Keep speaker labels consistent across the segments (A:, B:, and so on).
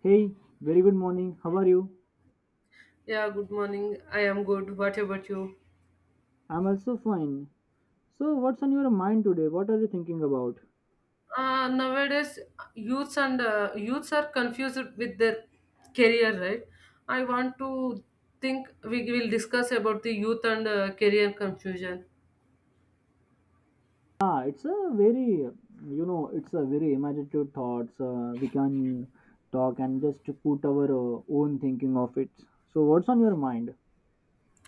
A: Hey, very good morning. How are you?
B: Yeah, good morning. I am good. What about you?
A: I'm also fine. So, what's on your mind today? What are you thinking about?
B: Nowadays, youths are confused with their career, right? I want to think we will discuss about the youth and career confusion.
A: Ah, it's a very, it's a very imaginative thoughts. We can talk and just to put our own thinking of it. So, what's on your mind?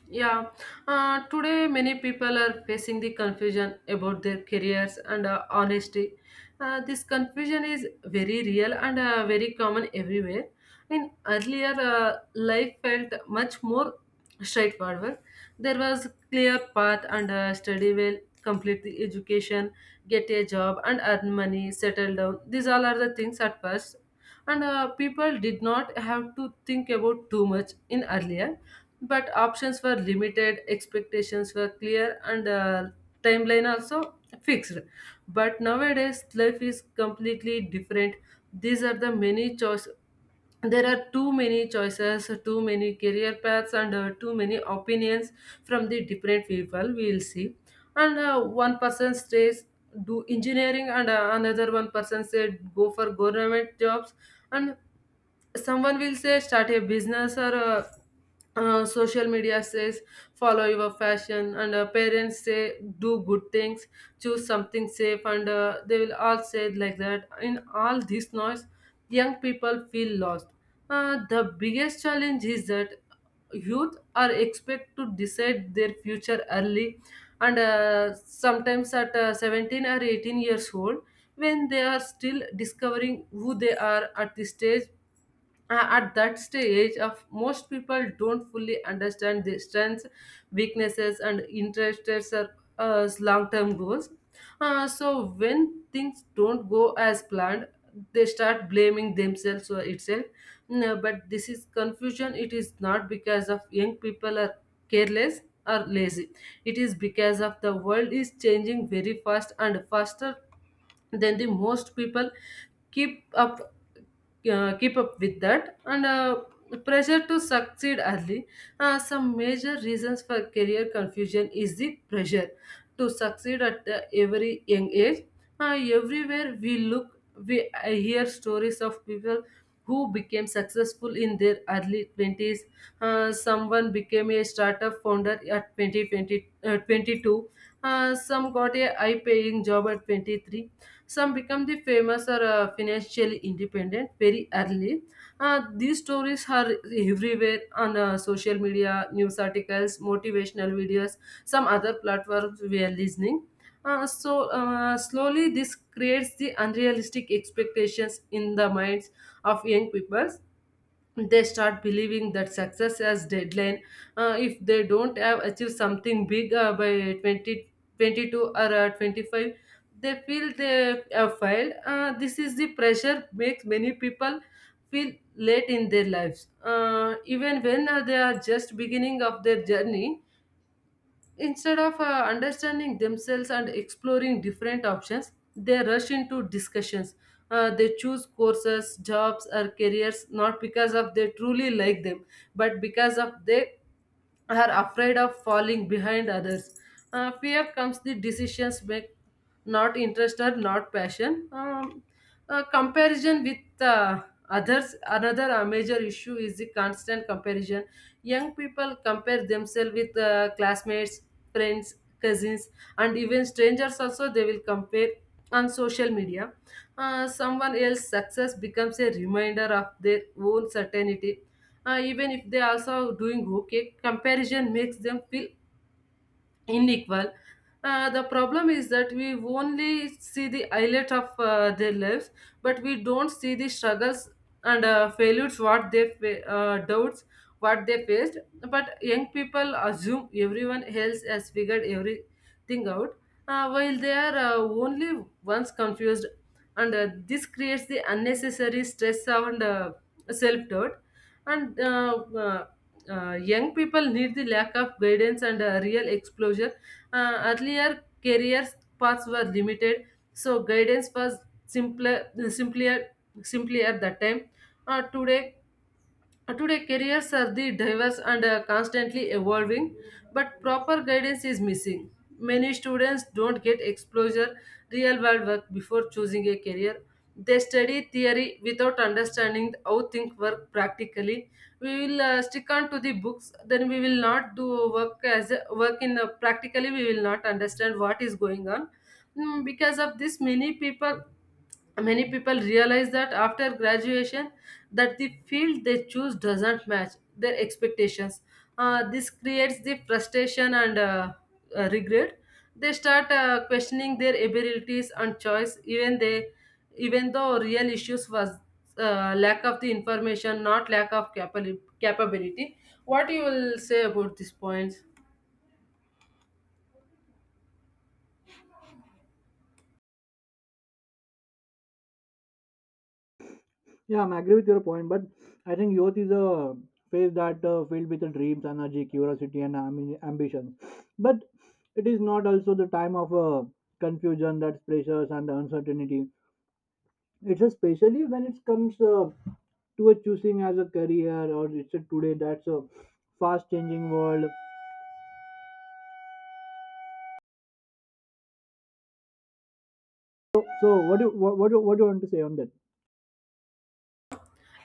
B: Yeah, Today many people are facing the confusion about their careers and honesty. This confusion is very real and very common everywhere. In earlier, life felt much more straightforward. There was clear path and study well, complete the education, get a job and earn money, settle down. These all are the things at first, and people did not have to think about too much in earlier, but options were limited, expectations were clear, and timeline also fixed. But nowadays life is completely different. These are the many choice. There are too many choices, too many career paths, and too many opinions from the different people we will see. And one person says do engineering, and another one person said go for government jobs, and someone will say start a business, or social media says follow your fashion, and parents say do good things, choose something safe, and they will all say it like that. In all this noise young people feel lost. The biggest challenge is that youth are expected to decide their future early, and sometimes at 17 or 18 years old, when they are still discovering who they are at this stage. At that stage of, most people don't fully understand the strengths, weaknesses, and interests or long-term goals. So when things don't go as planned, they start blaming themselves or itself. No, but this is confusion, it is not because of young people are careless or lazy. It is because of the world is changing very fast and faster than the most people keep up, keep up with that. And pressure to succeed early, some major reasons for career confusion is the pressure to succeed at every young age. Everywhere we look, we I hear stories of people who became successful in their early 20s. Someone became a startup founder at 2020 22. Some got a high paying job at 23. Some become the famous or financially independent very early. These stories are everywhere on social media, news articles, motivational videos, some other platforms we are listening. Slowly this creates the unrealistic expectations in the minds of young people. They start believing that success has deadline. If they don't have achieved something big by 20, 22, or 25, they feel they have failed. This is the pressure makes many people feel late in their lives, even when they are just beginning of their journey. Instead of understanding themselves and exploring different options, they rush into discussions. They choose courses, jobs, or careers not because of they truly like them, but because of they are afraid of falling behind others. Fear comes the decisions make, not interest or not passion. Comparison with others, another major issue is the constant comparison. Young people compare themselves with classmates, friends, cousins, and even strangers. Also, they will compare on social media. Someone else's success becomes a reminder of their own certainty, even if they also doing okay, comparison makes them feel unequal. The problem is that we only see the highlight of their lives, but we don't see the struggles and failures, what they doubts, what they faced. But young people assume everyone else has figured everything out, while they are only once confused, and this creates the unnecessary stress and self doubt. And Young people need, the lack of guidance and real exposure. Earlier career paths were limited, so guidance was simpler simply at that time. uh, today Today, careers are the diverse and constantly evolving, but proper guidance is missing. Many students don't get exposure real world work before choosing a career. They study theory without understanding how things work practically. We will stick on to the books, then we will not do work as a, work in practically. We will not understand what is going on. Mm, because of this, many people realize that after graduation that the field they choose doesn't match their expectations. This creates the frustration and regret. They start questioning their abilities and choice, even they, even though real issues was lack of the information, not lack of capability. What you will say about this point?
A: Yeah, I'm agree with your point, but I think youth is a phase that filled with the dreams, energy, curiosity, and I mean, ambition. But it is not also the time of confusion, that's pressures and the uncertainty. It's especially when it comes to a choosing as a career, or it's a today that's a fast changing world. So, what do you want to say on that?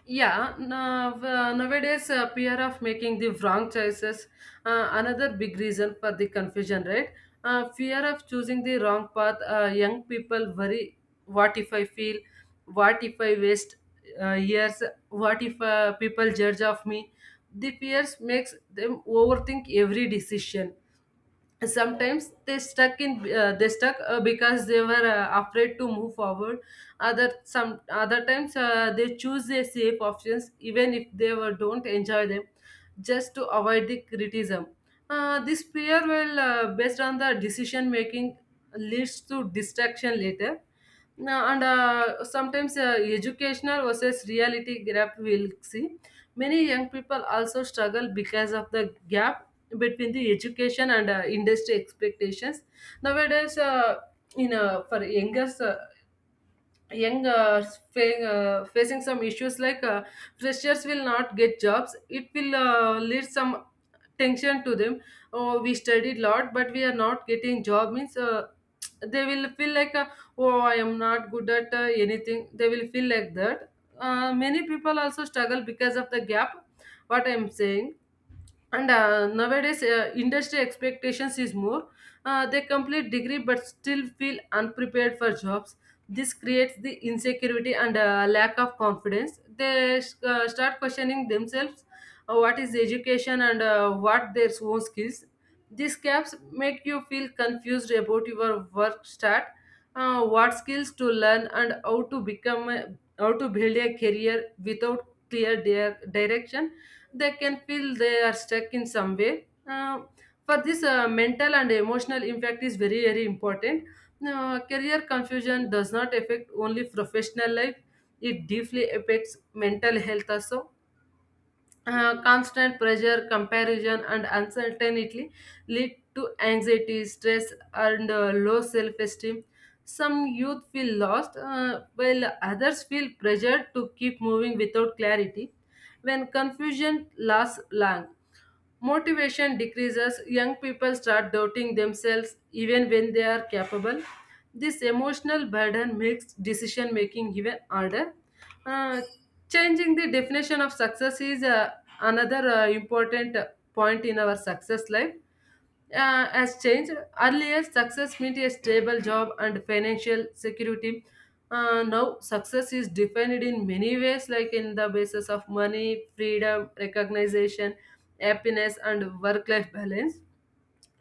B: Yeah, nowadays fear of making the wrong choices, another big reason for the confusion, right? Fear of choosing the wrong path. Young people worry, what if I feel? What if I waste years? What if people judge of me? The fears makes them overthink every decision. Sometimes they stuck because they were afraid to move forward. Other, some other times, they choose their safe options even if they were, don't enjoy them, just to avoid the criticism. Uh, this fear will based on the decision making leads to distraction later now. And sometimes educational versus reality gap we'll see. Many young people also struggle because of the gap between the education and industry expectations. Nowadays in for youngers young uh, facing some issues like freshers will not get jobs. It will lead some tension to them. Oh, we studied lot but we are not getting job means, they will feel like, oh, I am not good at anything, they will feel like that. Uh, many people also struggle because of the gap, what I am saying. And nowadays industry expectations is more, they complete degree but still feel unprepared for jobs. This creates the insecurity and lack of confidence. They start questioning themselves, what is education and what their own skills. These gaps make you feel confused about your work start, what skills to learn and how to become a, how to build a career without clear direction. They can feel they are stuck in some way. For this, mental and emotional impact is very, very important. Career confusion does not affect only professional life, it deeply affects mental health also. Constant pressure, comparison, and uncertainty lead to anxiety, stress, and low self esteem. Some youth feel lost, while others feel pressured to keep moving without clarity. When confusion lasts long, motivation decreases, young people start doubting themselves even when they are capable. This emotional burden makes decision making even harder. Uh, Changing the definition of success is another important point in our success life has changed. Earlier, success meant a stable job and financial security. Now, success is defined in many ways, like in the basis of money, freedom, recognition, happiness, and work life balance.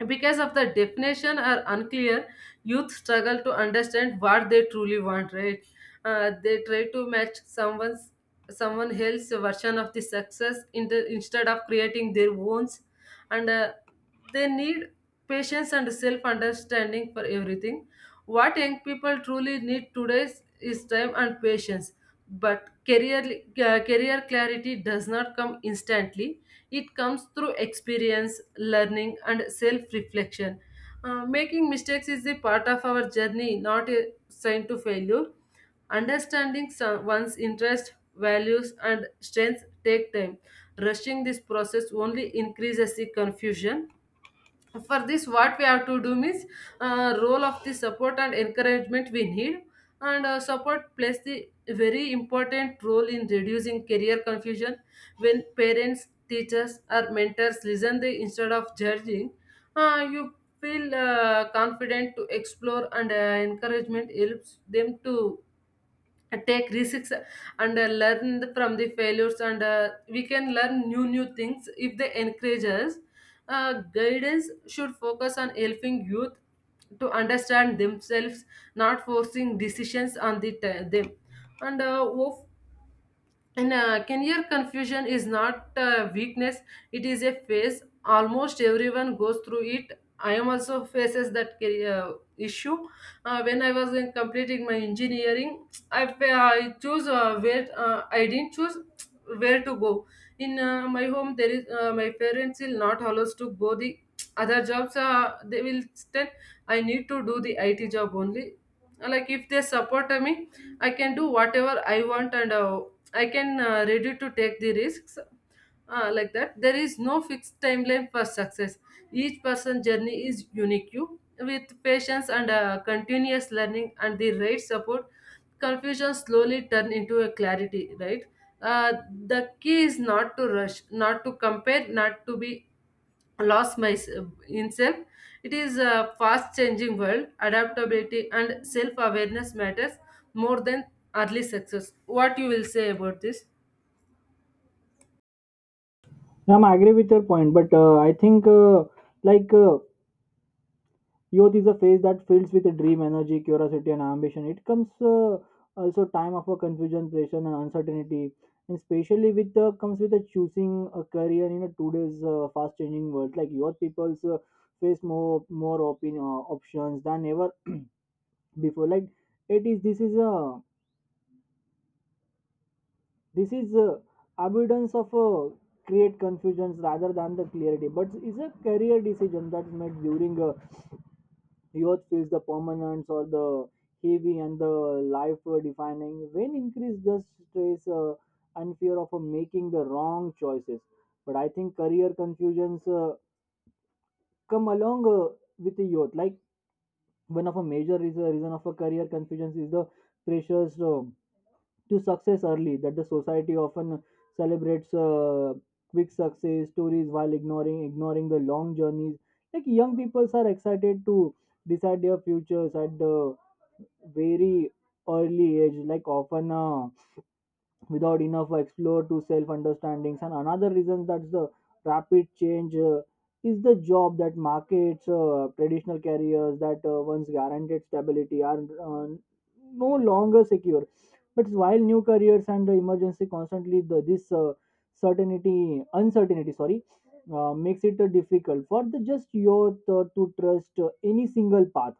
B: Because of the definition are unclear, youth struggle to understand what they truly want, right? They try to match someone else's version of the success in the, instead of creating their own. And they need patience and self understanding for everything. What young people truly need today is time and patience. But career clarity does not come instantly. It comes through experience, learning, and self reflection. Making mistakes is the part of our journey, not a sign to failure. Understanding some, one's interests, values, and strengths take time. Rushing this process only increases the confusion. For this what we have to do means, role of the support and encouragement we need. And support plays the very important role in reducing career confusion. When parents, teachers, or mentors listen, they instead of judging, you feel confident to explore. And encouragement helps them to take risks and learn from the failures. And we can learn new things if they encourage us. Uh, guidance should focus on helping youth to understand themselves, not forcing decisions on them. And uh, of- and uh, career confusion is not weakness, it is a phase. Almost everyone goes through it. I am also faces that career issue. When I was in completing my engineering, I choose where, I didn't choose where to go. In my home, there is my parents will not allow us to go the other jobs. They will tell I need to do the IT job only. Like if they support me, I can do whatever I want and I can ready to take the risks like that. There is no fixed timeline for success. Each person's journey is unique. You with patience and continuous learning and the right support, confusion slowly turn into a clarity. Right. Uh, the key is not to rush, not to compare, not to be lost my himself. It is a fast changing world. Adaptability and self awareness matters more than early success. What you will say about this?
A: I'm agree with your point, but I think like uh, youth is a phase that fills with a dream, energy, curiosity, and ambition. It comes, also time of a confusion, pressure, and uncertainty, and especially with the comes with a choosing a career in a today's fast changing world. Like youth people's face more opinion, options than ever before. Like, it is, this is a abundance of a create confusions rather than the clarity. But it's a career decision that's made during a youth phase, the permanence or the heavy and the life defining when increase just stress and fear of making the wrong choices. But I think career confusions come along with the youth. Like one of a major reason of a career confusion is the pressures to success early, that the society often celebrates quick success stories while ignoring the long journeys. Like young people are excited to decide their futures at the very early age, like often without enough explore to self understandings. And another reason that's the rapid change is the job that markets. Traditional careers that once guaranteed stability are no longer secure, but while new careers and the emergency constantly, the this certainty uncertainty sorry makes it difficult for the just youth to trust any single path.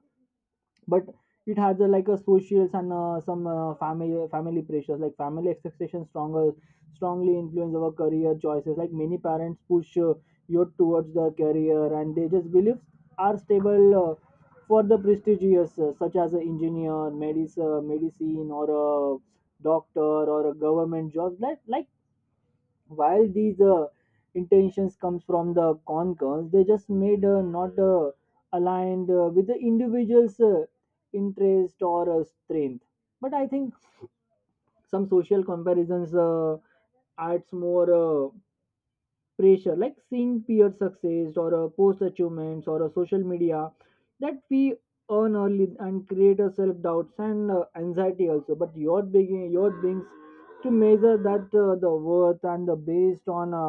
A: But it has a, like a socials and some uh, family pressures. Like family expectations stronger strongly influence our career choices. Like many parents push you towards the career and they just beliefs are stable for the prestigious, such as an engineer, medicine or a doctor or a government job. Like while these intentions comes from the concurs, they just made not aligned with the individual's interest or strength. But I think some social comparisons adds more pressure, like seeing peer success or a post achievements or a social media that we earn early and create a self doubts and anxiety also. But your being your beings to measure that the worth and the based on a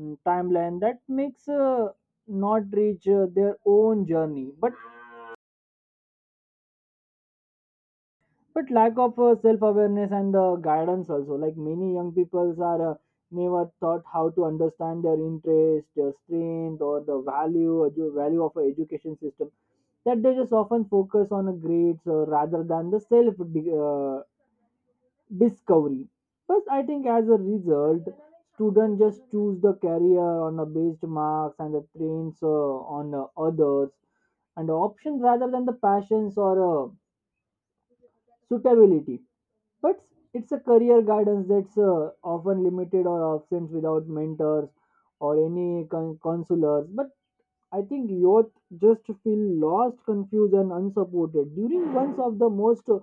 A: timeline that makes not reach their own journey. But lack of self-awareness and the guidance also. Like many young people are never taught how to understand their interest, their strength, or the value value of an education system that they just often focus on a grades rather than the self discovery. But I think as a result, students just choose the career on the based marks and the trends on others and the options rather than the passions or suitability. But it's a career guidance that's often limited or absent without mentors or any counselors. But I think youth just feel lost, confused, and unsupported during one of the most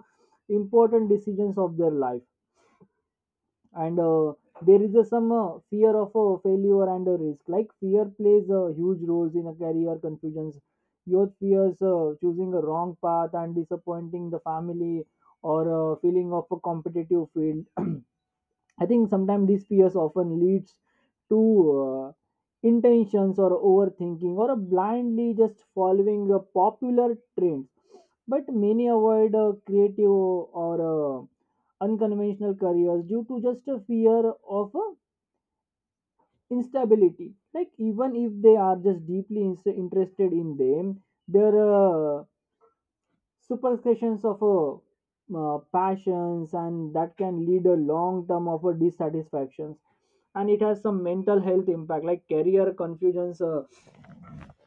A: important decisions of their life. And there is a, some fear of a failure and a risk. Like fear plays a huge role in a career confusions. Youth fears choosing a wrong path and disappointing the family or feeling of a competitive field. I think sometimes these fears often leads to uh, intentions or overthinking or a blindly just following a popular trends. But many avoid creative or unconventional careers due to just a fear of instability. Like even if they are just deeply interested in them, their superstitions of a passions, and that can lead a long term of a dissatisfactions. And it has some mental health impact. Like career confusions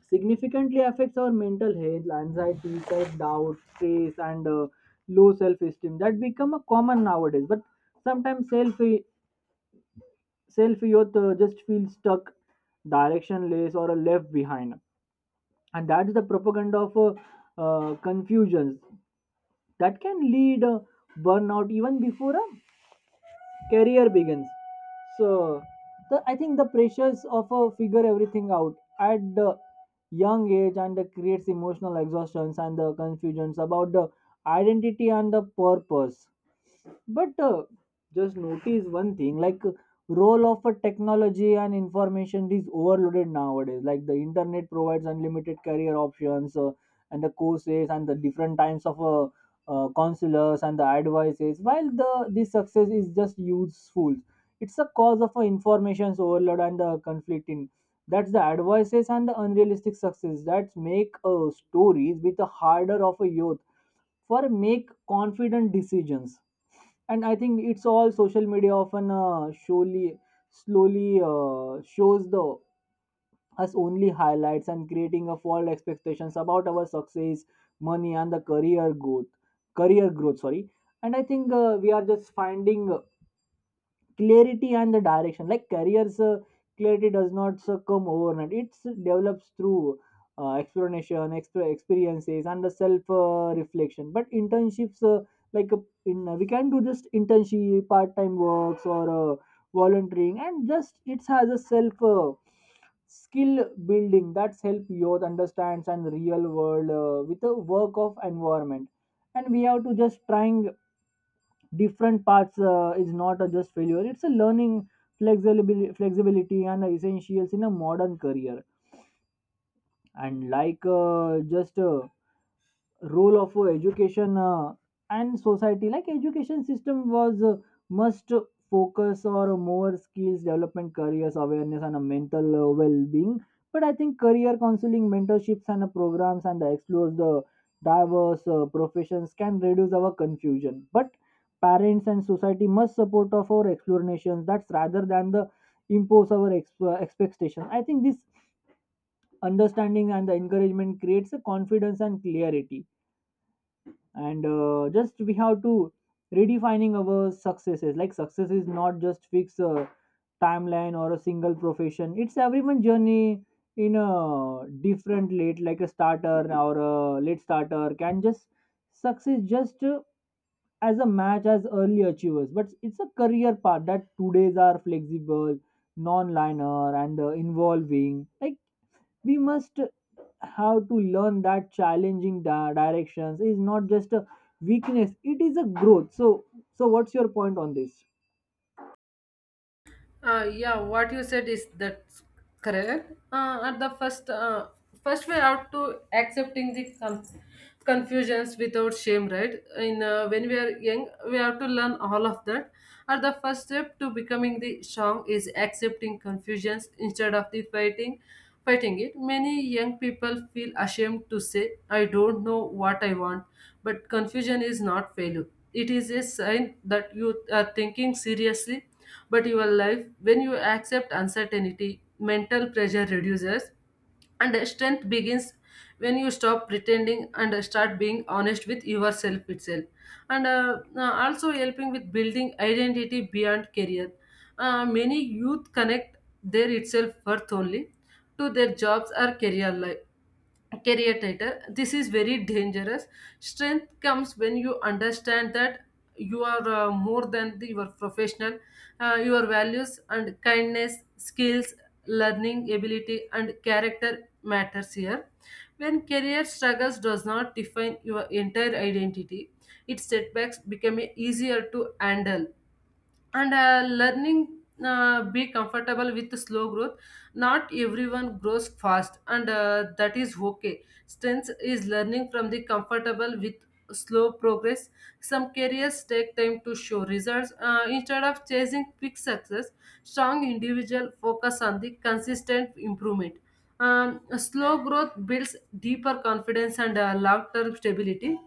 A: significantly affects our mental health, anxiety, self doubt, stress, and low self esteem that become a common nowadays. But sometimes self youth just feel stuck, directionless, or left behind, and that's the propaganda of confusions that can lead burnout even before a career begins. So I think the pressures of figure everything out at the young age and creates emotional exhaustions and the confusions about the identity and the purpose. But just notice one thing, like role of a technology and information is overloaded nowadays. Like the internet provides unlimited career options and the courses and the different types of counselors and the advices. While the this success is just useful, it's a cause of information overload and the conflict in. That's the advices and the unrealistic success that make stories with a harder of a youth for make confident decisions. And I think it's all social media often surely slowly shows the us only highlights and creating a false expectations about our success, money, and the career growth sorry And I think we are just finding clarity and the direction. Like careers clarity does not come overnight, it develops through experiences and the self reflection. But internships, like in we can do just internship, part time works, or volunteering, and just it has a self skill building that's help youth understands and real world with a work of environment. And we have to just trying different parts is not a just failure, it's a learning. Flexibility and essentials in a modern career. And like just role of education and society. Like education system was must focus or more skills development, careers awareness, and a mental well-being. But I think career counseling, mentorships, and programs and explores the diverse professions can reduce our confusion. But parents and society must support of our explanations that's rather than the impose our expectation. I think this understanding and the encouragement creates a confidence and clarity. And just we have to redefining our successes. Like success is not just fixed a timeline or a single profession, it's everyone journey in a different late. Like a starter or a late starter can just success just as a match as early achievers. But it's a career path that today's are flexible, non-linear, and involving. Like we must how to learn that challenging directions is not just a weakness, it is a growth. So what's your point on this?
B: Yeah, what you said is that's correct. At the first, we're out to accepting the confusions without shame, right? In When we are young, we have to learn all of that. At the first step to becoming the strong is accepting confusions instead of the fighting it. Many young people feel ashamed to say, "I don't know what I want," but confusion is not failure. It is a sign that you are thinking seriously, but your life, when you accept uncertainty, mental pressure reduces and strength begins when you stop pretending and start being honest with yourself itself. And also helping with building identity beyond career. Many youth connect their itself worth only to their jobs or career life, career tighter. This is very dangerous. Strength comes when you understand that you are more than your professional, your values and kindness, skills, learning ability, and character matters here. When career struggles does not define your entire identity, its setbacks become easier to handle. And Learning be comfortable with slow growth. Not everyone grows fast, and that is okay. Strength is learning from the comfortable with slow progress. Some careers take time to show results. Instead of chasing quick success, strong individual focus on the consistent improvement. Slow growth builds deeper confidence and long-term stability.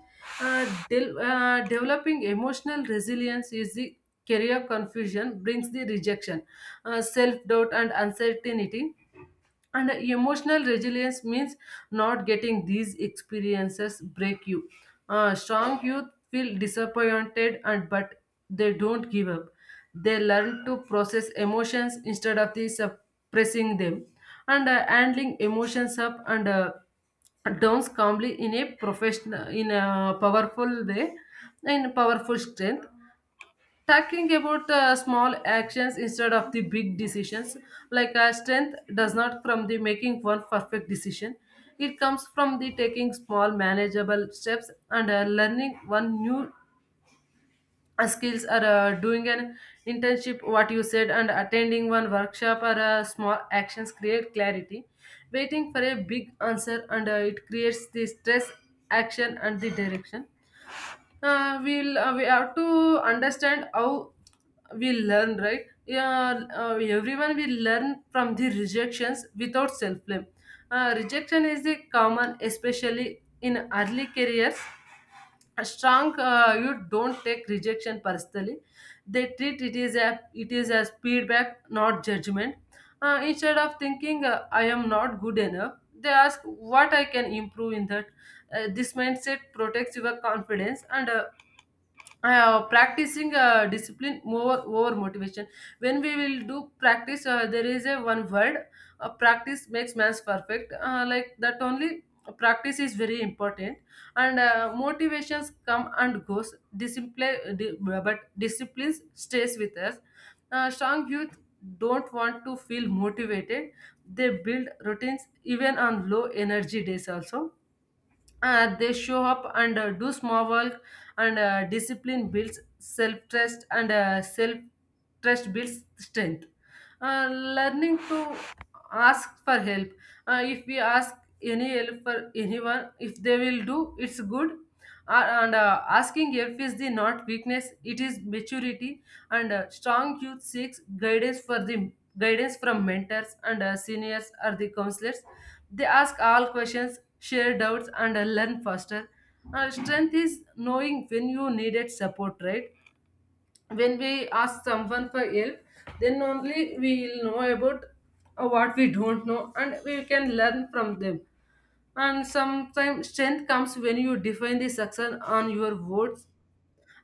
B: Developing emotional resilience is the career confusion brings the rejection, self doubt, and uncertainty. And emotional resilience means not getting these experiences break you. Strong youth feel disappointed and but they don't give up. They learn to process emotions instead of the suppressing them, and handling emotions up and downs calmly in a professional, in a powerful way, in powerful strength. Talking about the small actions instead of the big decisions, strength does not from the making one perfect decision. It comes from the taking small manageable steps and learning one new skills or doing an internship what you said, and attending one workshop or small actions create clarity. Waiting for a big answer, and it creates the stress, action and the direction. We have to understand how we learn, right? Yeah, everyone will learn from the rejections without self blame. Rejection is the common, especially in early careers. A strong you don't take rejection personally. They treat it is a it is as feedback, not judgment. Instead of thinking, I am not good enough, they ask what I can improve in that. This mindset protects your confidence. And practicing discipline more over motivation. When we will do practice, there is a one word, practice makes man perfect, like that only. Practice is very important. And motivations come and goes. But discipline stays with us. Strong youth don't want to feel motivated. They build routines even on low energy days also. They show up and do small work. And discipline builds self-trust, and self-trust builds strength. Learning to ask for help. If we ask any help for anyone, if they will do, it's good. And Asking help is the not weakness, it is maturity. And Strong youth seeks guidance for the guidance from mentors and seniors or the counselors. They ask all questions, share doubts, and learn faster. Strength is knowing when you needed support, right? When we ask someone for help, then only we will know about what we don't know and we can learn from them. And sometimes strength comes when you define the success on your words,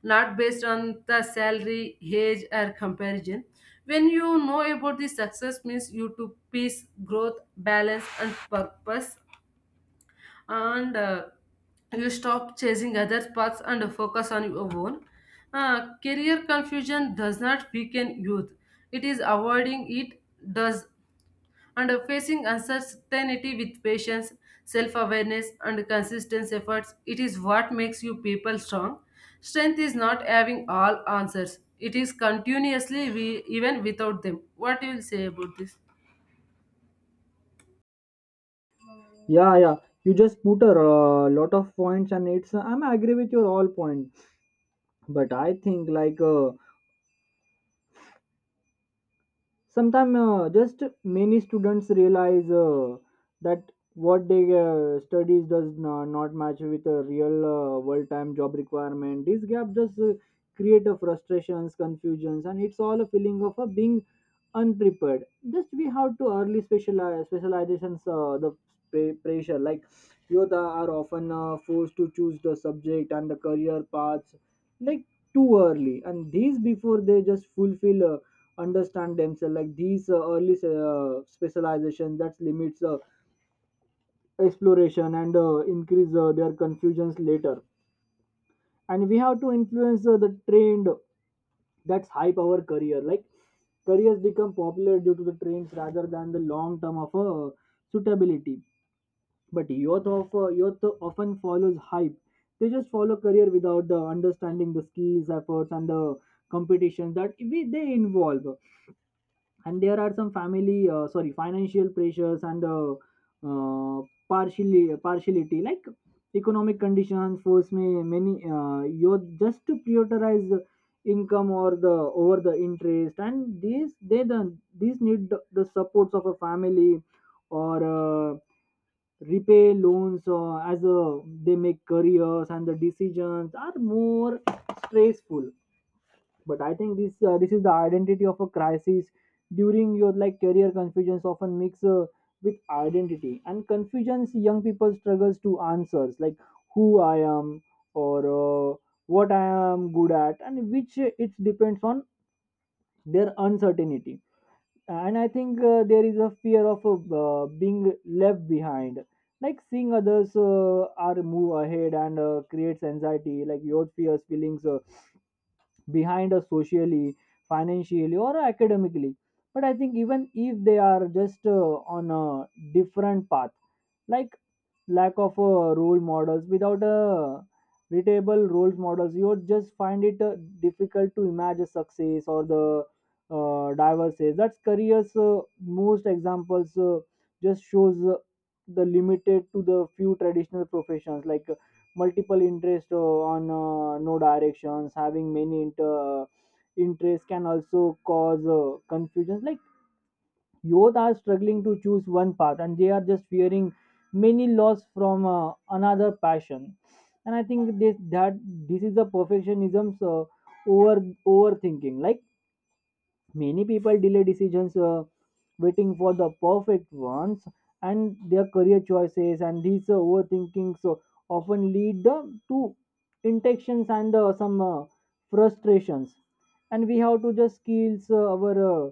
B: not based on the salary, age, or comparison. When you know about the success means you to peace, growth, balance, and purpose, and you stop chasing other paths and focus on your own. Career confusion does not weaken youth; it is avoiding it does. And facing uncertainty with patience, self awareness, and consistent efforts, it is what makes you people strong. Strength is not having all answers, it is continuously, we, even without them. What do you will say about this?
A: Yeah, yeah, you just put a lot of points, and it's I'm agree with your all point. But I think like sometimes just many students realize that what they studies does not match with a real world time job requirement. This gap just create a frustrations, confusions, and it's all a feeling of a being unprepared. Just we have to early specialize specializations the pressure. Like youth are often forced to choose the subject and the career paths, like too early, and these before they just fulfill understand themselves. Like these early specialization that limits exploration and increase their confusions later. And we have to influence the trend that's hype our career. Like careers become popular due to the trends rather than the long term of suitability. But youth of youth often follows hype. They just follow career without the understanding the skills, efforts, and the competitions that we they involve. And there are some family sorry financial pressures, and uh, partially partiality. Like economic conditions force me many you just to prioritize the income or the over the interest, and these they the these need the supports of a family or repay loans as they make careers and the decisions are more stressful. But I think this this is the identity of a crisis during your. Like career confusions often mix with identity and confusions. Young people struggles to answers, like who I am, or what I am good at, and which it depends on their uncertainty. And I think there is a fear of being left behind, like seeing others are move ahead and creates anxiety, like your fears feelings behind us socially, financially, or academically. But I think even if they are just on a different path. Like lack of role models, without a readable role models, you would just find it difficult to imagine success or the diversity that's careers. Most examples just shows the limited to the few traditional professions. Like multiple interest on no directions, having many interests can also cause confusions. Like youth are struggling to choose one path and they are just fearing many loss from another passion. And I think this that this is the perfectionism's over overthinking. Like many people delay decisions waiting for the perfect ones and their career choices, and these overthinking so often lead to intentions and some frustrations. And we have to just kill our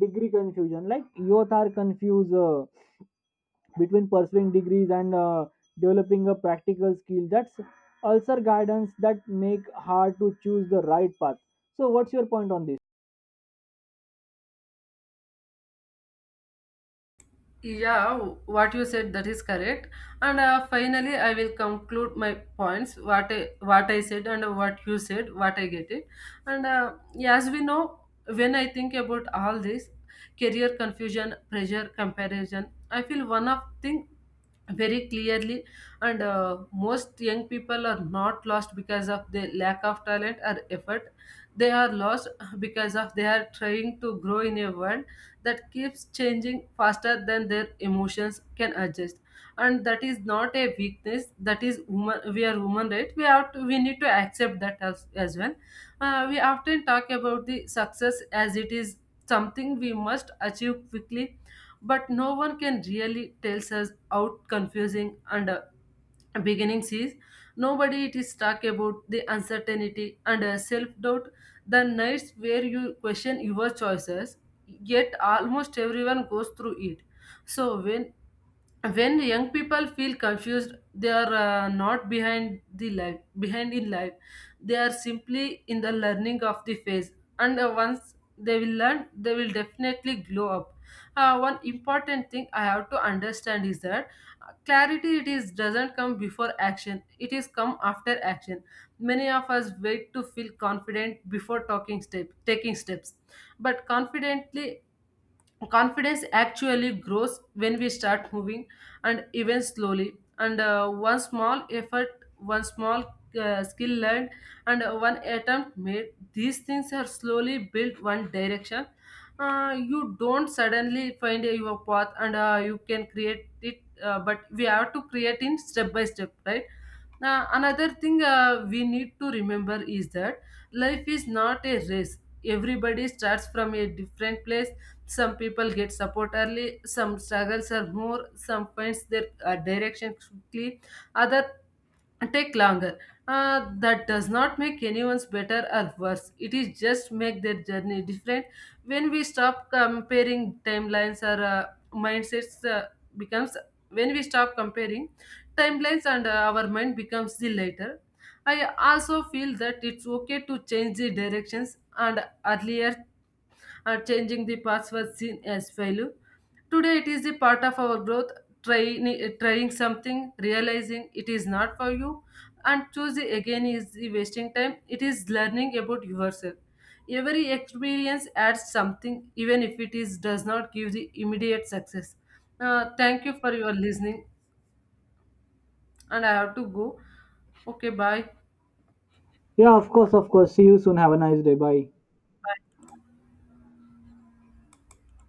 A: degree confusion. Like youth are confused between pursuing degrees and developing a practical skill that's also guidance that make hard to choose the right path. So what's your point on this?
B: Yeah, what you said that is correct. And finally, I will conclude my points. What I said and what you said, what I get it. And yeah, as we know, when I think about all this career confusion, pressure, comparison, I feel one of thing very clearly. And most young people are not lost because of the lack of talent or effort. They are lost because of they are trying to grow in a world that keeps changing faster than their emotions can adjust. And that is not a weakness, that is human. We are human, right? We have to we need to accept that as well. We often talk about the success as it is something we must achieve quickly, but no one can really tell us how confusing and beginning sees. Nobody it is talk about the uncertainty and self doubt, the nights where you question your choices, yet almost everyone goes through it. So when young people feel confused, they are not behind the life, behind in life. They are simply in the learning of the phase, and once they will learn, they will definitely glow up. One important thing I have to understand is that clarity it is doesn't come before action, it is come after action. Many of us wait to feel confident before talking step taking steps. But confidently Confidence actually grows when we start moving, and even slowly. And one small effort, one small skill learned, and one attempt made, these things are slowly built one direction. You don't suddenly find your path, and you can create it. But we have to create in step by step, right? Now another thing we need to remember is that life is not a race. Everybody starts from a different place. Some people get support early, some struggles are more, some finds their direction quickly, other take longer. That does not make anyone's better or worse, it is just make their journey different. When we stop comparing timelines or mindsets becomes when we stop comparing timelines, and our mind becomes the later. I also feel that it's okay to change the directions. And earlier, changing the paths was seen as failure. Today it is the part of our growth, trying something, realizing it is not for you and choosing again is the wasting time. It is learning about yourself. Every experience adds something even if it is does not give the immediate success. Thank you for your listening, and I have to go. Okay, bye.
A: Yeah, of course, of course. See you soon. Have a nice day. Bye.